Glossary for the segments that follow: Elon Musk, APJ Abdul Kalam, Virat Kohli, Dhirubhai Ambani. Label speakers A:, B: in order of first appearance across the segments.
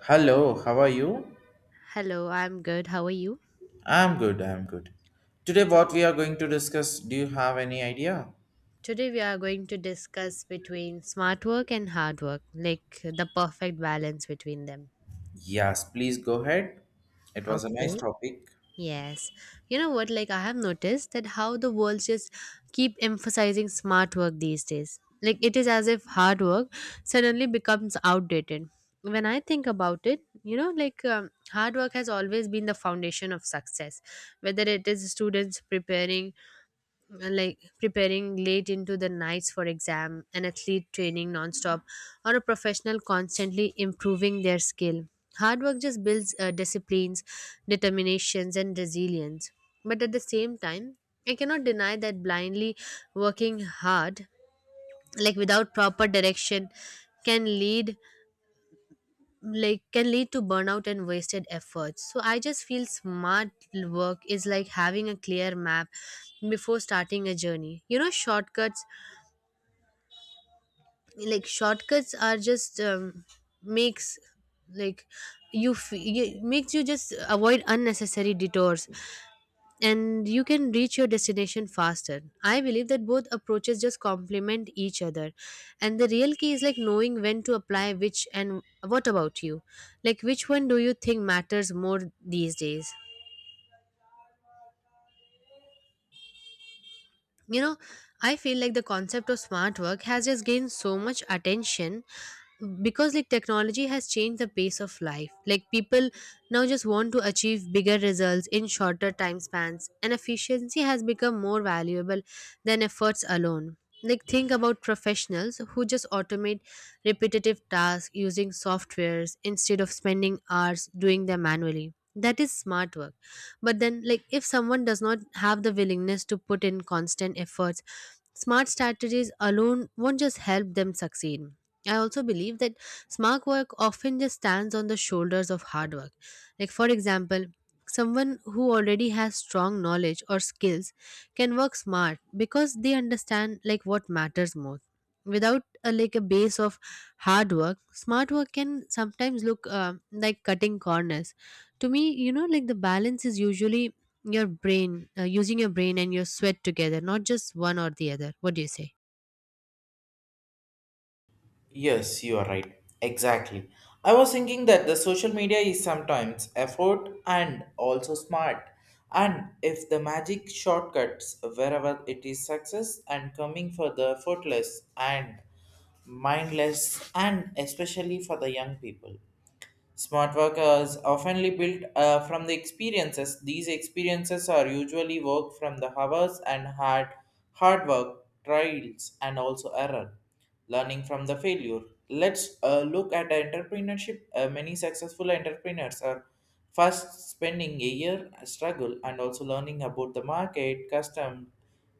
A: Hello, how are you?
B: Hello, I'm good. How are you?
A: I'm good. Today, what we are going to discuss, do you have any idea?
B: Today we are going to discuss between smart work and hard work, like the perfect balance between them.
A: Yes, please go ahead. It was a nice
B: Okay.
A: topic.
B: Yes. You know what? Like I have noticed that how the world just keep emphasizing smart work these days. Like it is as if hard work suddenly becomes outdated. When I think about it, like hard work has always been the foundation of success. Whether it is students preparing preparing late into the nights for exam, an athlete training nonstop, or a professional constantly improving their skill. Hard work just builds disciplines, determinations, and resilience. But at the same time, I cannot deny that blindly working hard, like without proper direction, can lead can lead to burnout and wasted efforts. So I just feel smart work is like having a clear map before starting a journey. You know, shortcuts are just makes like you makes you just avoid unnecessary detours and you can reach your destination faster. I believe that both approaches just complement each other. And the real key is like knowing when to apply which. And what about you? Like which one do you think matters more these days? You know, I feel like the concept of smart work has just gained so much attention because like technology has changed the pace of life. Like people now just want to achieve bigger results in shorter time spans, and efficiency has become more valuable than efforts alone. Like think about professionals who just automate repetitive tasks using softwares instead of spending hours doing them manually. That is smart work. But then, like, if someone does not have the willingness to put in constant efforts, smart strategies alone won't just help them succeed. I also believe that smart work often just stands on the shoulders of hard work. Like for example, someone who already has strong knowledge or skills can work smart because they understand like what matters most. Without a base of hard work, smart work can sometimes look cutting corners to me. You know, like the balance is usually your brain, using your brain and your sweat together, not just one or the other. What do you say?
A: Yes, you are right. Exactly. I was thinking that the social media is sometimes effort and also smart. And if the magic shortcuts wherever it is success and coming for the effortless and mindless and especially for the young people. Smart work is oftenly built from the experiences. These experiences are usually work from the hours and hard work, trials, and also error. Learning from the failure. Let's look at the entrepreneurship. Many successful entrepreneurs are first spending a year struggle and also learning about the market,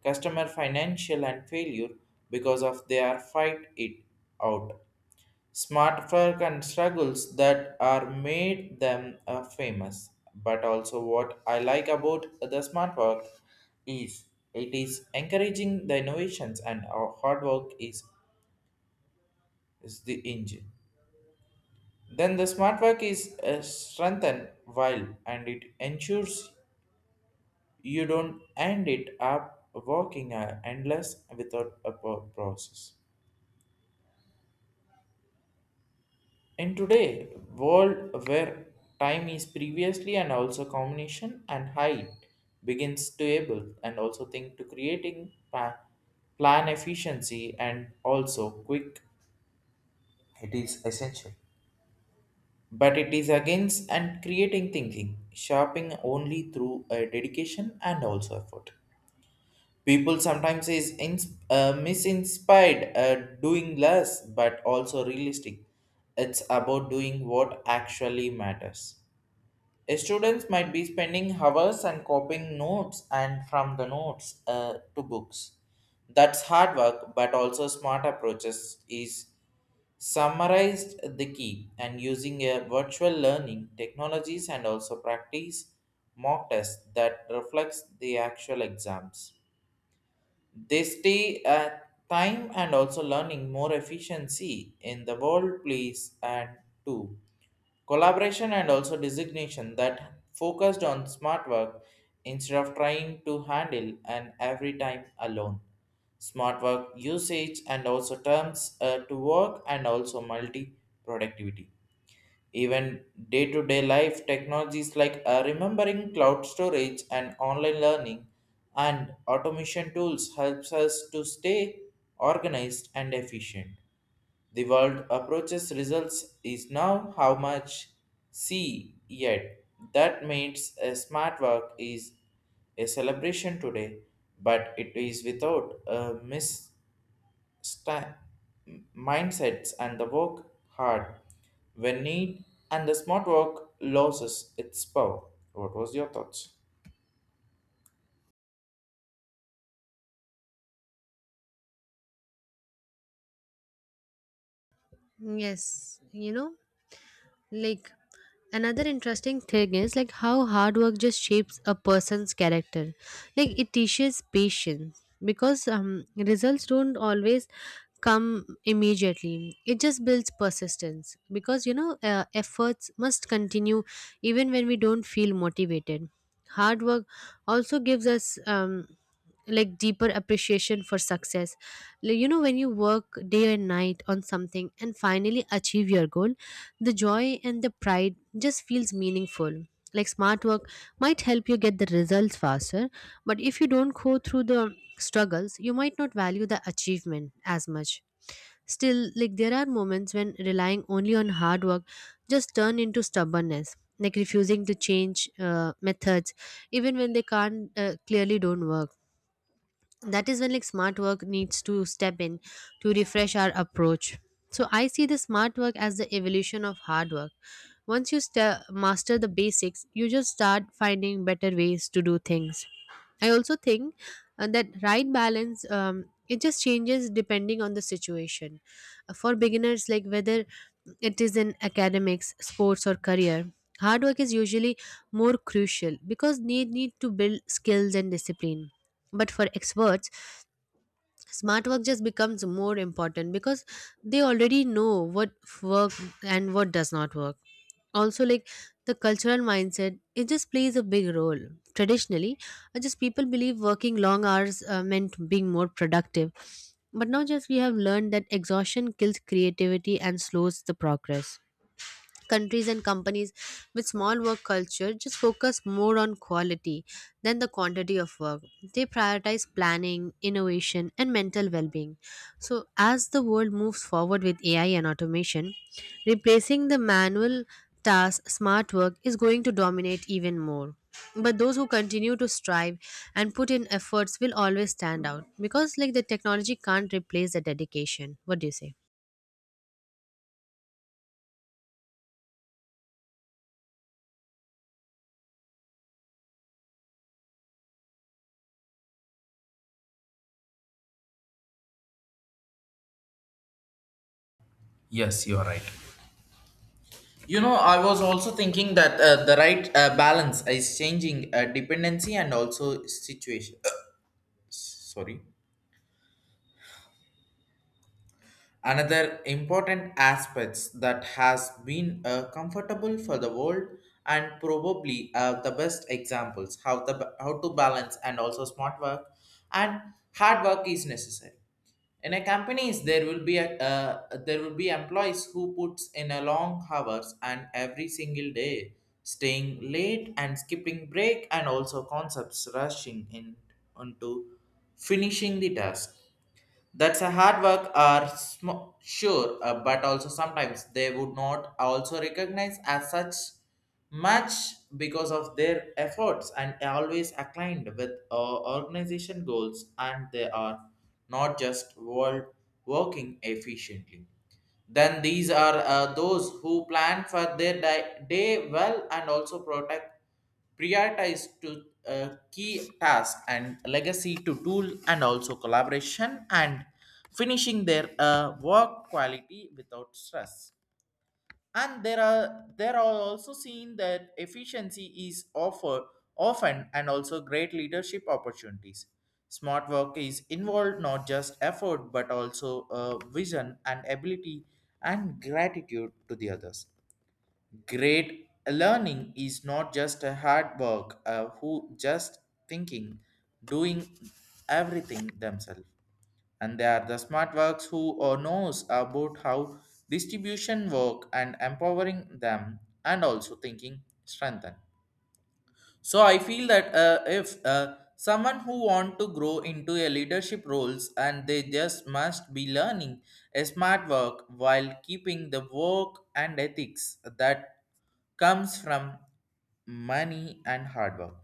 A: customer, financial, and failure because of their fight it out. Smart work and struggles that are made them famous. But also, what I like about the smart work is it is encouraging the innovations and our hard work is the engine. Then the smart work is strengthened while and it ensures you don't end it up working endless without a process. In today world where time is previously and also combination and height begins to able and also think to creating plan efficiency and also quick it is essential, but it is against and creating thinking sharpening only through a dedication and also effort. People sometimes is misinspired, doing less but also realistic. It's about doing what actually matters. Students might be spending hours and copying notes and from the notes to books. That's hard work, but also smart approaches is summarized the key and using a virtual learning technologies and also practice mock tests that reflects the actual exams. They stay at time and also learning more efficiency in the world place, and too collaboration and also designation that focused on smart work instead of trying to handle and every time alone. Smart work usage and also terms to work and also multi productivity. Even day to day life technologies like remembering cloud storage and online learning and automation tools helps us to stay organized and efficient. The world approaches results is now how much see yet. That means a smart work is a celebration today, but it is without a mis mindsets and the work hard when need and the smart work loses its power. What was your thoughts?
B: Yes, you know, like another interesting thing is like how hard work just shapes a person's character. Like it teaches patience because results don't always come immediately. It just builds persistence because you know efforts must continue even when we don't feel motivated. Hard work also gives us like deeper appreciation for success. Like, you know, when you work day and night on something and finally achieve your goal, the joy and the pride just feels meaningful. Like smart work might help you get the results faster, but if you don't go through the struggles you might not value the achievement as much. Still, like there are moments when relying only on hard work just turn into stubbornness, like refusing to change methods even when they can't clearly don't work. That is when like smart work needs to step in to refresh our approach. So I see the smart work as the evolution of hard work. Once you master the basics, you just start finding better ways to do things. I also think that right balance, it just changes depending on the situation. For beginners, like whether it is in academics, sports, or career, hard work is usually more crucial because they need to build skills and discipline. But for experts, smart work just becomes more important because they already know what work and what does not work. Also, like the cultural mindset, it just plays a big role. Traditionally, just people believe working long hours meant being more productive. But now just we have learned that exhaustion kills creativity and slows the progress. Countries and companies with small work culture just focus more on quality than the quantity of work. They prioritize planning, innovation, and mental well-being. So as the world moves forward with AI and automation replacing the manual task, smart work is going to dominate even more. But those who continue to strive and put in efforts will always stand out because like the technology can't replace the dedication. What do you say?
A: Yes, you are right. You know, I was also thinking that the right balance is changing dependency and also situation. Sorry, another important aspects that has been comfortable for the world and probably the best examples how the how to balance and also smart work and hard work is necessary. In a companies there will be there will be employees who puts in a long hours and every single day, staying late and skipping break and also concepts rushing in onto finishing the task. That's a hard work are sure, but also sometimes they would not also recognize as such much because of their efforts and always aligned with organization goals and they are not just world working efficiently. Then these are those who plan for their day well and also protect prioritize to key tasks and legacy to tool and also collaboration and finishing their work quality without stress. And there are also seen that efficiency is offer often and also great leadership opportunities. Smart work is involved not just effort but also vision and ability and gratitude to the others. Great learning is not just a hard work, who just thinking, doing everything themselves. And they are the smart works who or knows about how distribution work and empowering them and also thinking strengthen. So I feel that if someone who want to grow into a leadership roles and they just must be learning a smart work while keeping the work and ethics that comes from money and hard work.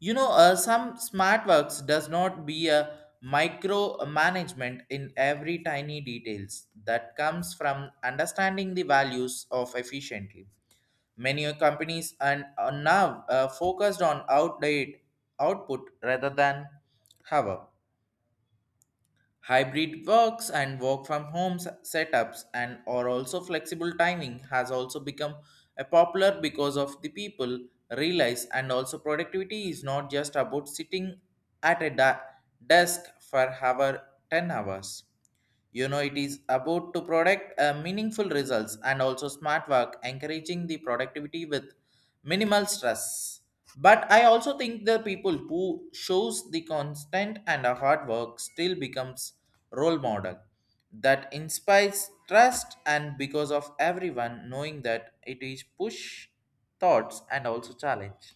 A: You know, some smart works does not be a micro management in every tiny details that comes from understanding the values of efficiently. Many companies and are now focused on outdated output rather than hour. Hybrid works and work from home setups and or also flexible timing has also become a popular because of the people realize and also productivity is not just about sitting at a desk for hour 10 hours. You know, it is about to product meaningful results and also smart work, encouraging the productivity with minimal stress. But I also think the people who shows the constant and a hard work still becomes role model that inspires trust and because of everyone knowing that it is push thoughts and also challenge.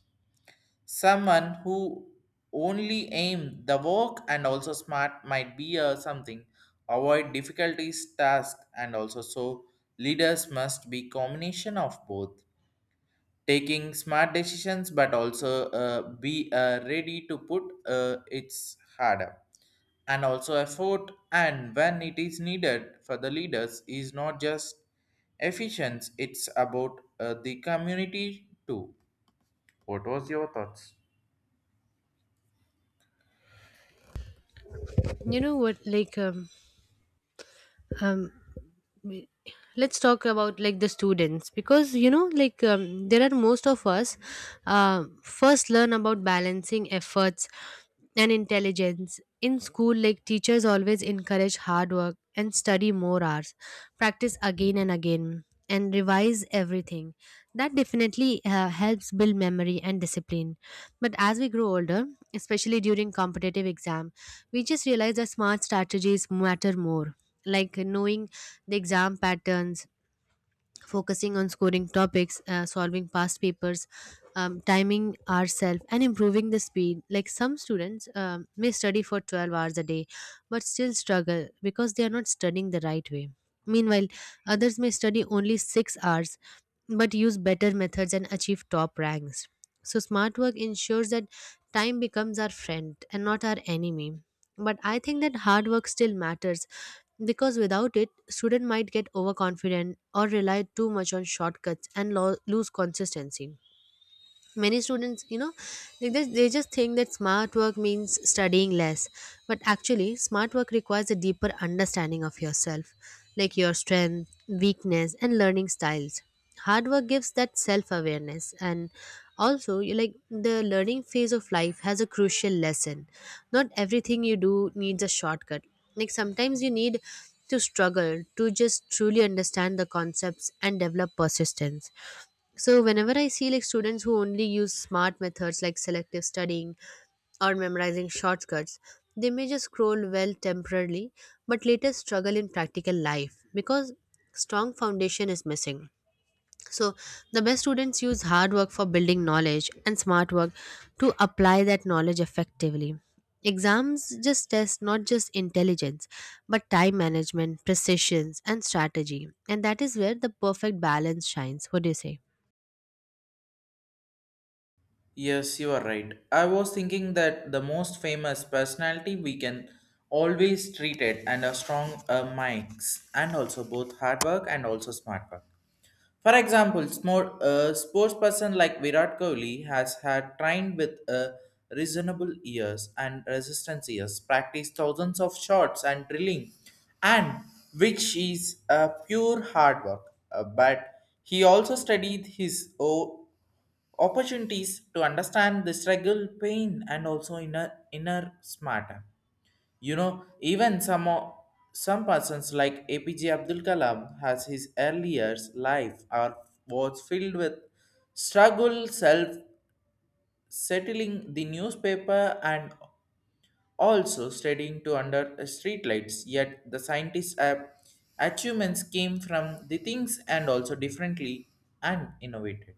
A: Someone who only aim the work and also smart might be a something avoid difficulties task and also so leaders must be combination of both, taking smart decisions but also be ready to put its harder and also effort and when it is needed. For the leaders is not just efficient, it's about the community too. What was your thoughts?
B: You know what, like um we- let's talk about like the students, because you know, like there are most of us first learn about balancing efforts and intelligence in school. Like teachers always encourage hard work and study more hours, practice again and again, and revise everything. That definitely helps build memory and discipline. But as we grow older, especially during competitive exams, we just realize that smart strategies matter more. Like knowing the exam patterns, focusing on scoring topics, solving past papers, timing ourselves, and improving the speed. Like some students may study for 12 hours a day but still struggle because they are not studying the right way. Meanwhile, others may study only 6 hours but use better methods and achieve top ranks. So smart work ensures that time becomes our friend and not our enemy. But I think that hard work still matters, because without it, student might get overconfident or rely too much on shortcuts and lose consistency. Many students, you know, like they just think that smart work means studying less, but actually smart work requires a deeper understanding of yourself, like your strength, weakness, and learning styles. Hard work gives that self awareness. And also you, like the learning phase of life has a crucial lesson: not everything you do needs a shortcut. Like sometimes you need to struggle to just truly understand the concepts and develop persistence. So whenever I see like students who only use smart methods, like selective studying or memorizing shortcuts, they may just scroll well temporarily but later struggle in practical life because strong foundation is missing. So the best students use hard work for building knowledge and smart work to apply that knowledge effectively. Exams just test not just intelligence but time management, precision, and strategy, and that is where the perfect balance shines. What do you say?
A: Yes, you are right. I was thinking that the most famous personality we can always treat it and a strong minds and also both hard work and also smart work. For example, small, sports person like Virat Kohli has had trained with reasonable years and resistance years, practiced thousands of shots and drilling, and which is a pure hard work. But he also studied his opportunities to understand the struggle, pain, and also inner smarter. You know, even some persons like APJ Abdul Kalam has his earlier life are, was filled with struggle, self settling the newspaper and also studying to under streetlights. Yet the scientists' achievements came from the things and also differently and innovated.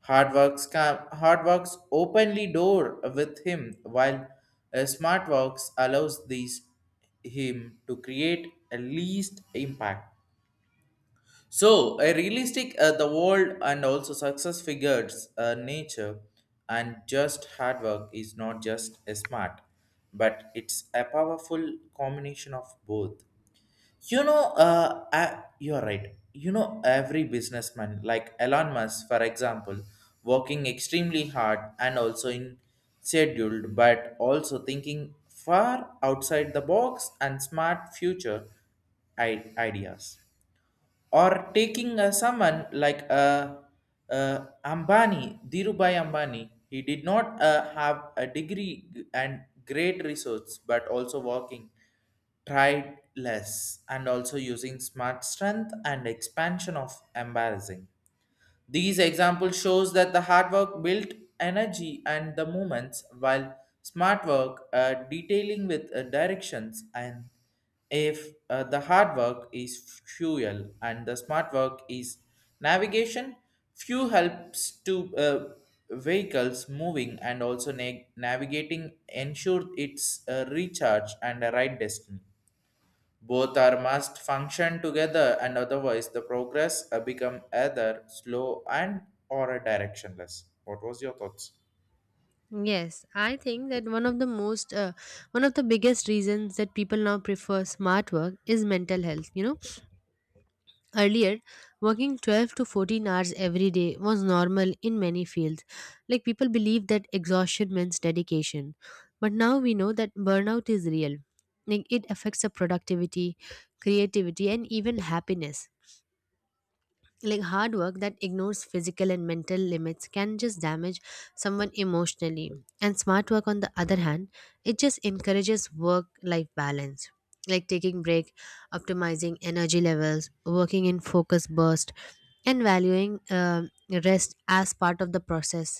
A: Hard works openly door with him, while smart works allows these him to create a least impact. So, a realistic the world and also success figures nature and just hard work is not just a smart, but it's a powerful combination of both. You know, you're right. You know, every businessman, like Elon Musk, for example, working extremely hard and also in scheduled, but also thinking far outside the box and smart future ideas, or taking someone like Ambani, Dhirubhai Ambani, he did not have a degree and great resource, but also working tried less and also using smart strength and expansion of embarrassing. These examples shows that the hard work built energy and the movements, while smart work detailing with directions. And if the hard work is fuel and the smart work is navigation, fuel helps to vehicles moving and also navigating ensure its recharge and the right destiny. Both are must function together and otherwise the progress become either slow and or directionless. What was your thoughts?
B: Yes, I think that one of the biggest reasons that people now prefer smart work is mental health. You know, earlier, working 12 to 14 hours every day was normal in many fields. Like people believed that exhaustion means dedication. But now we know that burnout is real. Like it affects the productivity, creativity, and even happiness. Like hard work that ignores physical and mental limits can just damage someone emotionally. And smart work, on the other hand, it just encourages work life balance, like taking break, optimizing energy levels, working in focus burst, and valuing rest as part of the process.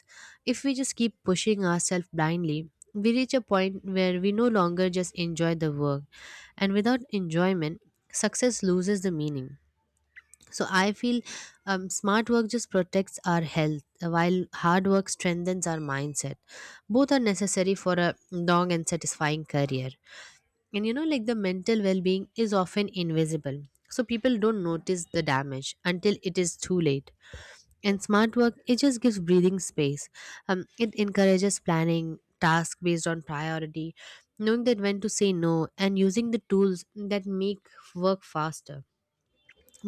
B: If we just keep pushing ourselves blindly, we reach a point where we no longer just enjoy the work, and without enjoyment, success loses the meaning. So I feel smart work just protects our health, while hard work strengthens our mindset. Both are necessary for a long and satisfying career. And you know, like the mental well being is often invisible, so people don't notice the damage until it is too late. And smart work, it just gives breathing space. It encourages planning, tasks based on priority, knowing that when to say no, and using the tools that make work faster.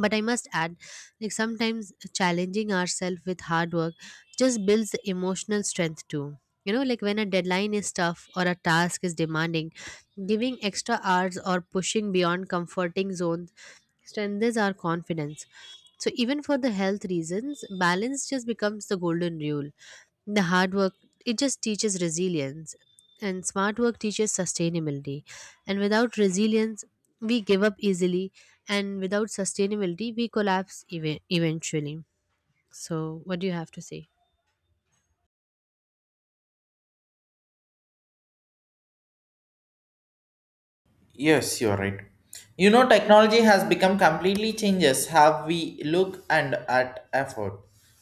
B: But I must add, like sometimes challenging ourselves with hard work just builds the emotional strength too. You know, like when a deadline is tough or a task is demanding, giving extra hours or pushing beyond comforting zones strengthens our confidence. So even for the health reasons, balance just becomes the golden rule. The hard work, it just teaches resilience, and smart work teaches sustainability. And without resilience, we give up easily, and without sustainability we collapse eventually. So what do you have to say?
A: Yes, you're right. You know, technology has become completely changes how we look and at effort.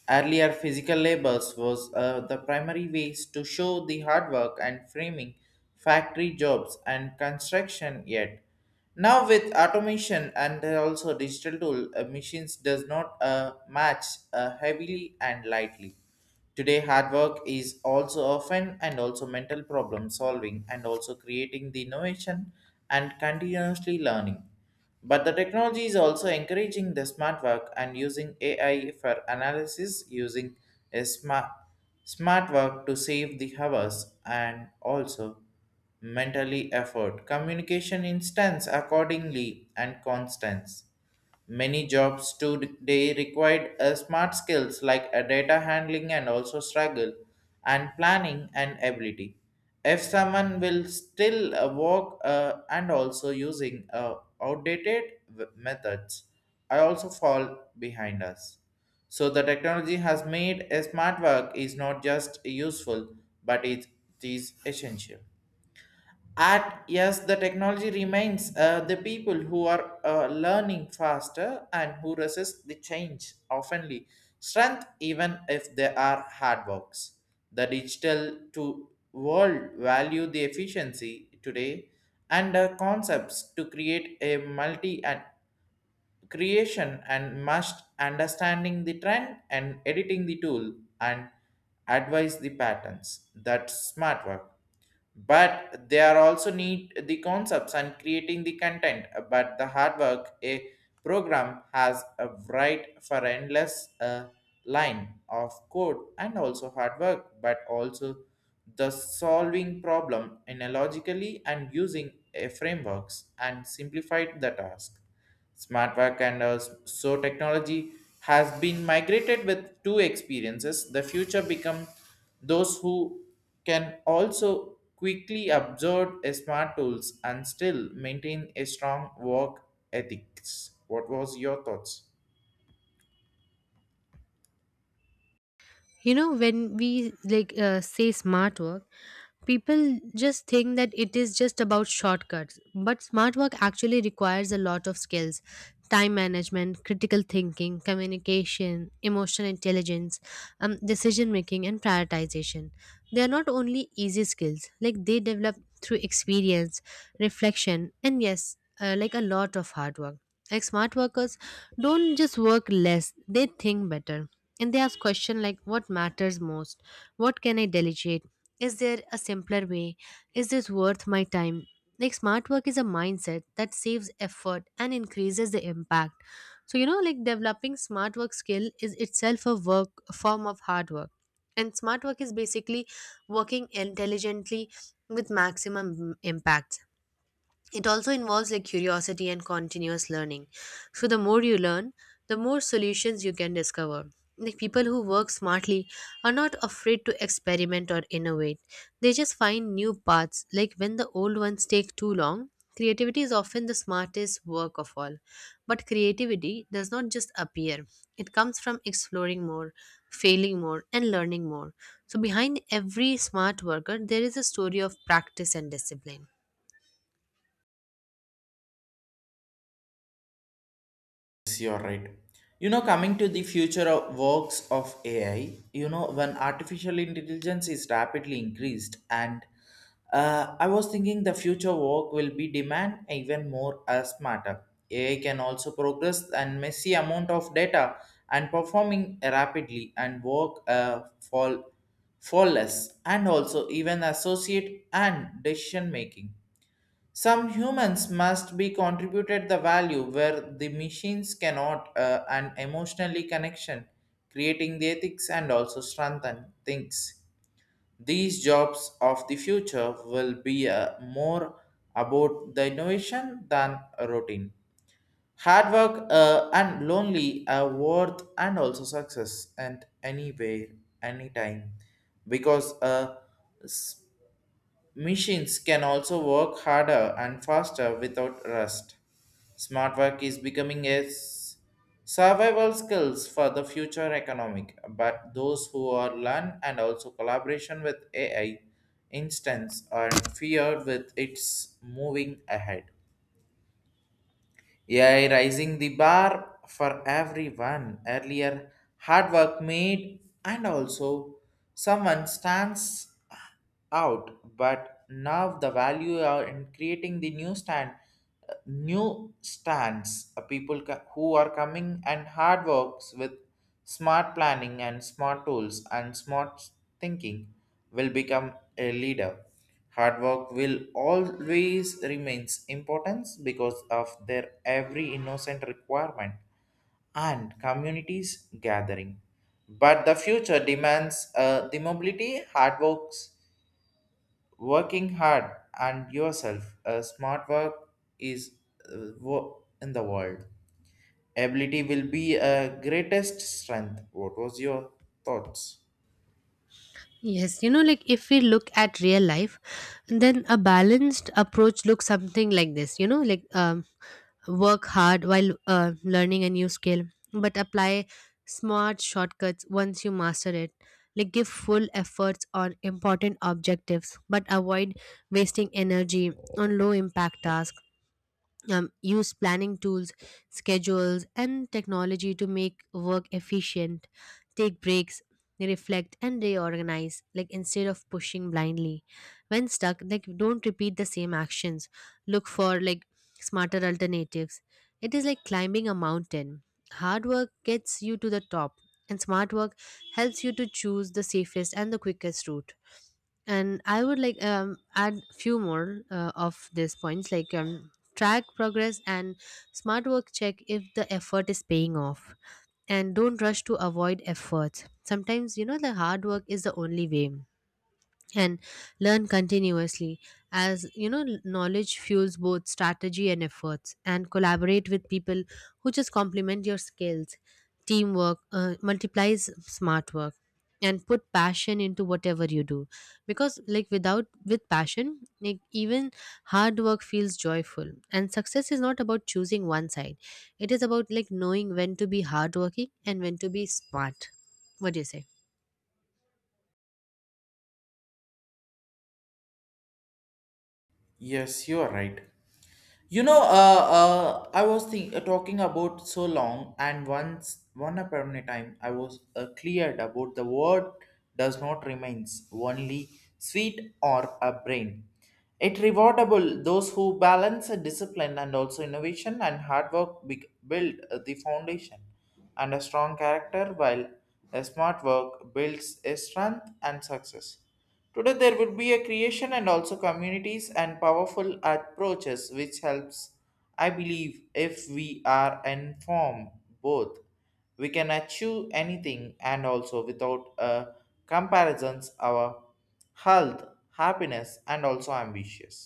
A: Earlier, physical labels was the primary ways to show the hard work and framing factory jobs and construction yet. Now with automation and also digital tool, machines does not match heavily and lightly. Today, hard work is also often and also mental problem solving and also creating the innovation and continuously learning. But the technology is also encouraging the smart work and using AI for analysis using a smart work to save the hours and also mentally effort communication instance accordingly and constance. Many jobs today required smart skills like data handling and also struggle and planning and ability. If someone will still work and also using outdated methods, I also fall behind us. So the technology has made a smart work is not just useful, but it is essential. At yes the technology remains the people who are learning faster and who resist the change oftenly strength even if they are hard works. The digital to world value the efficiency today and concepts to create a multi and creation and must understanding the trend and editing the tool and advise the patterns. That's smart work, but they are also need the concepts and creating the content but the hard work. A program has a right for endless line of code and also hard work but also the solving problem analogically and using a frameworks and simplified the task. Smart work and so technology has been migrated with two experiences. The future become those who can also quickly absorb a smart tools and still maintain a strong work ethics. What was your thoughts?
B: You know, when we like say smart work, people just think that it is just about shortcuts, but smart work actually requires a lot of skills: time management, critical thinking, communication, emotional intelligence, decision making, and prioritization. They are not only easy skills, like they develop through experience, reflection, and yes, like a lot of hard work. Like smart workers don't just work less, they think better. And they ask questions like what matters most, what can I delegate? Is there a simpler way? Is this worth my time? Like, smart work is a mindset that saves effort and increases the impact. So, you know, like developing smart work skill is itself a work, a form of hard work. And smart work is basically working intelligently with maximum impact. It also involves like curiosity and continuous learning. So the more you learn, the more solutions you can discover. Like people who work smartly are not afraid to experiment or innovate. They just find new paths, like when the old ones take too long. Creativity is often the smartest work of all. But creativity does not just appear. It comes from exploring more, failing more, and learning more. So behind every smart worker there is a story of practice and discipline.
A: Yes, you're right. You know, coming to the future of works of AI, you know, when artificial intelligence is rapidly increased, and I was thinking the future work will be demand even more smarter. AI can also progress and messy amount of data and performing rapidly and work fall flawless and also even associate and decision making. Some humans must be contributed the value where the machines cannot, and emotionally connection, creating the ethics and also strengthen things. These jobs of the future will be more about the innovation than a routine. Hard work and lonely are worth and also success and anywhere, anytime. Because machines can also work harder and faster without rust. Smart work is becoming a survival skills for the future economic, but those who are learn and also collaboration with AI instance are feared with its moving ahead. AI rising the bar for everyone. Earlier, hard work made and also someone stands out, but now the value are in creating the new stands. People who are coming and hard works with smart planning and smart tools and smart thinking will become a leader. Hard work will always remains importance because of their every innocent requirement and communities gathering. But the future demands the mobility, hard works, working hard, and yourself. A smart work is in the world. Ability will be a greatest strength. What was your thoughts?
B: Yes, you know, like if we look at real life, then a balanced approach looks something like this. You know, like work hard while learning a new skill, but apply smart shortcuts once you master it. Like give full efforts on important objectives, but avoid wasting energy on low impact tasks. Use planning tools, schedules, and technology to make work efficient. Take breaks, reflect, and reorganize, like instead of pushing blindly. When stuck, like don't repeat the same actions. Look for like smarter alternatives. It is like climbing a mountain. Hard work gets you to the top, and smart work helps you to choose the safest and the quickest route. And I would like add few more of these points, like track progress and smart work, check if the effort is paying off, and don't rush to avoid efforts. Sometimes, you know, the hard work is the only way. And learn continuously, as you know, knowledge fuels both strategy and efforts. And collaborate with people who just complement your skills. Teamwork multiplies smart work. And put passion into whatever you do, because like without with passion, like even hard work feels joyful. And success is not about choosing one side. It is about like knowing when to be hardworking and when to be smart. What do you say?
A: Yes, you are right. You know, I was talking about so long, and once, one upon a time, I was cleared about the word does not remains only sweet or a brain. It rewardable those who balance a discipline and also innovation and hard work build the foundation and a strong character while a smart work builds a strength and success. Today there will be a creation and also communities and powerful approaches which helps. I believe if we are informed both we can achieve anything and also without comparisons our health, happiness and also ambitious.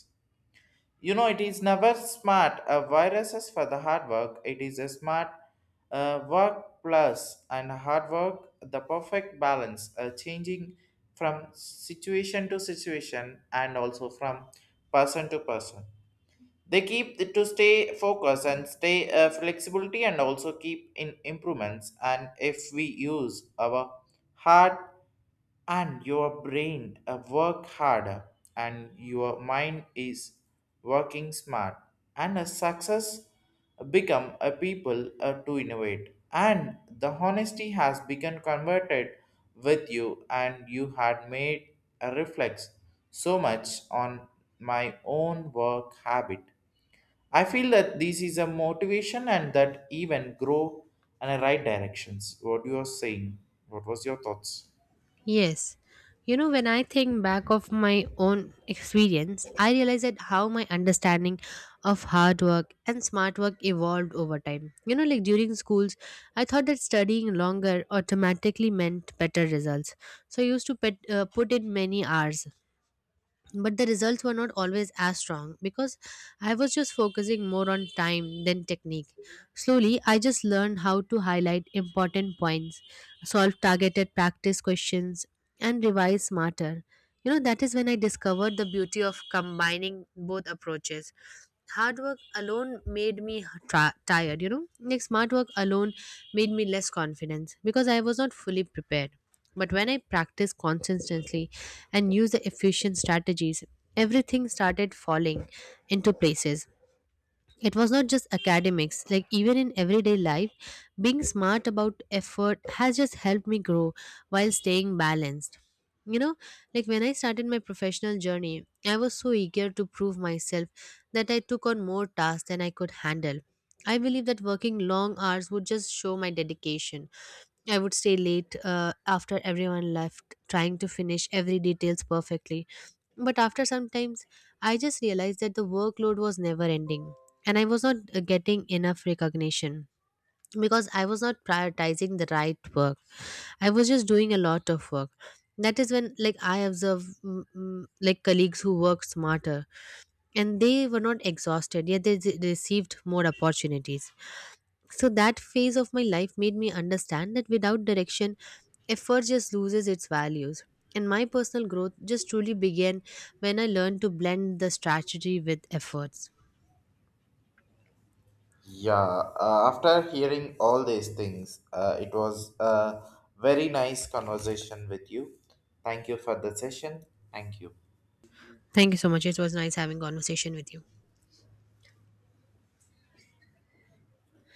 A: You know, it is never smart viruses for the hard work. It is a smart work plus and hard work, the perfect balance, changing from situation to situation and also from person to person. They keep to stay focused and stay flexibility and also keep in improvements. And if we use our hard and your brain work harder and your mind is working smart and a success become a people to innovate and the honesty has become converted with you and you had made a reflex so much on my own work habit. I feel that this is a motivation and that even grow in the right directions. What you are saying? What was your thoughts?
B: Yes. You know, when I think back of my own experience, I realize that how my understanding of hard work and smart work evolved over time. You know, like during schools, I thought that studying longer automatically meant better results. So I used to put in many hours, but the results were not always as strong because I was just focusing more on time than technique. Slowly, I just learned how to highlight important points, solve targeted practice questions, and revise smarter. You know, that is when I discovered the beauty of combining both approaches. Hard work alone made me tired, you know. Like smart work alone made me less confident because I was not fully prepared. But when I practiced consistently and used the efficient strategies, everything started falling into places. It was not just academics, like even in everyday life, being smart about effort has just helped me grow while staying balanced, you know. Like when I started my professional journey, I was so eager to prove myself that I took on more tasks than I could handle. I believe that working long hours would just show my dedication. I would stay late after everyone left, trying to finish every details perfectly. But after some times, I just realized that the workload was never ending and I was not getting enough recognition because I was not prioritizing the right work. I was just doing a lot of work. That is when like I observe like colleagues who work smarter, and they were not exhausted, yet they received more opportunities. So that phase of my life made me understand that without direction, effort just loses its values. And my personal growth just truly began when I learned to blend the strategy with efforts.
A: Yeah, after hearing all these things, it was a very nice conversation with you. Thank you for the session. Thank you.
B: Thank you so much. It was nice having conversation with you.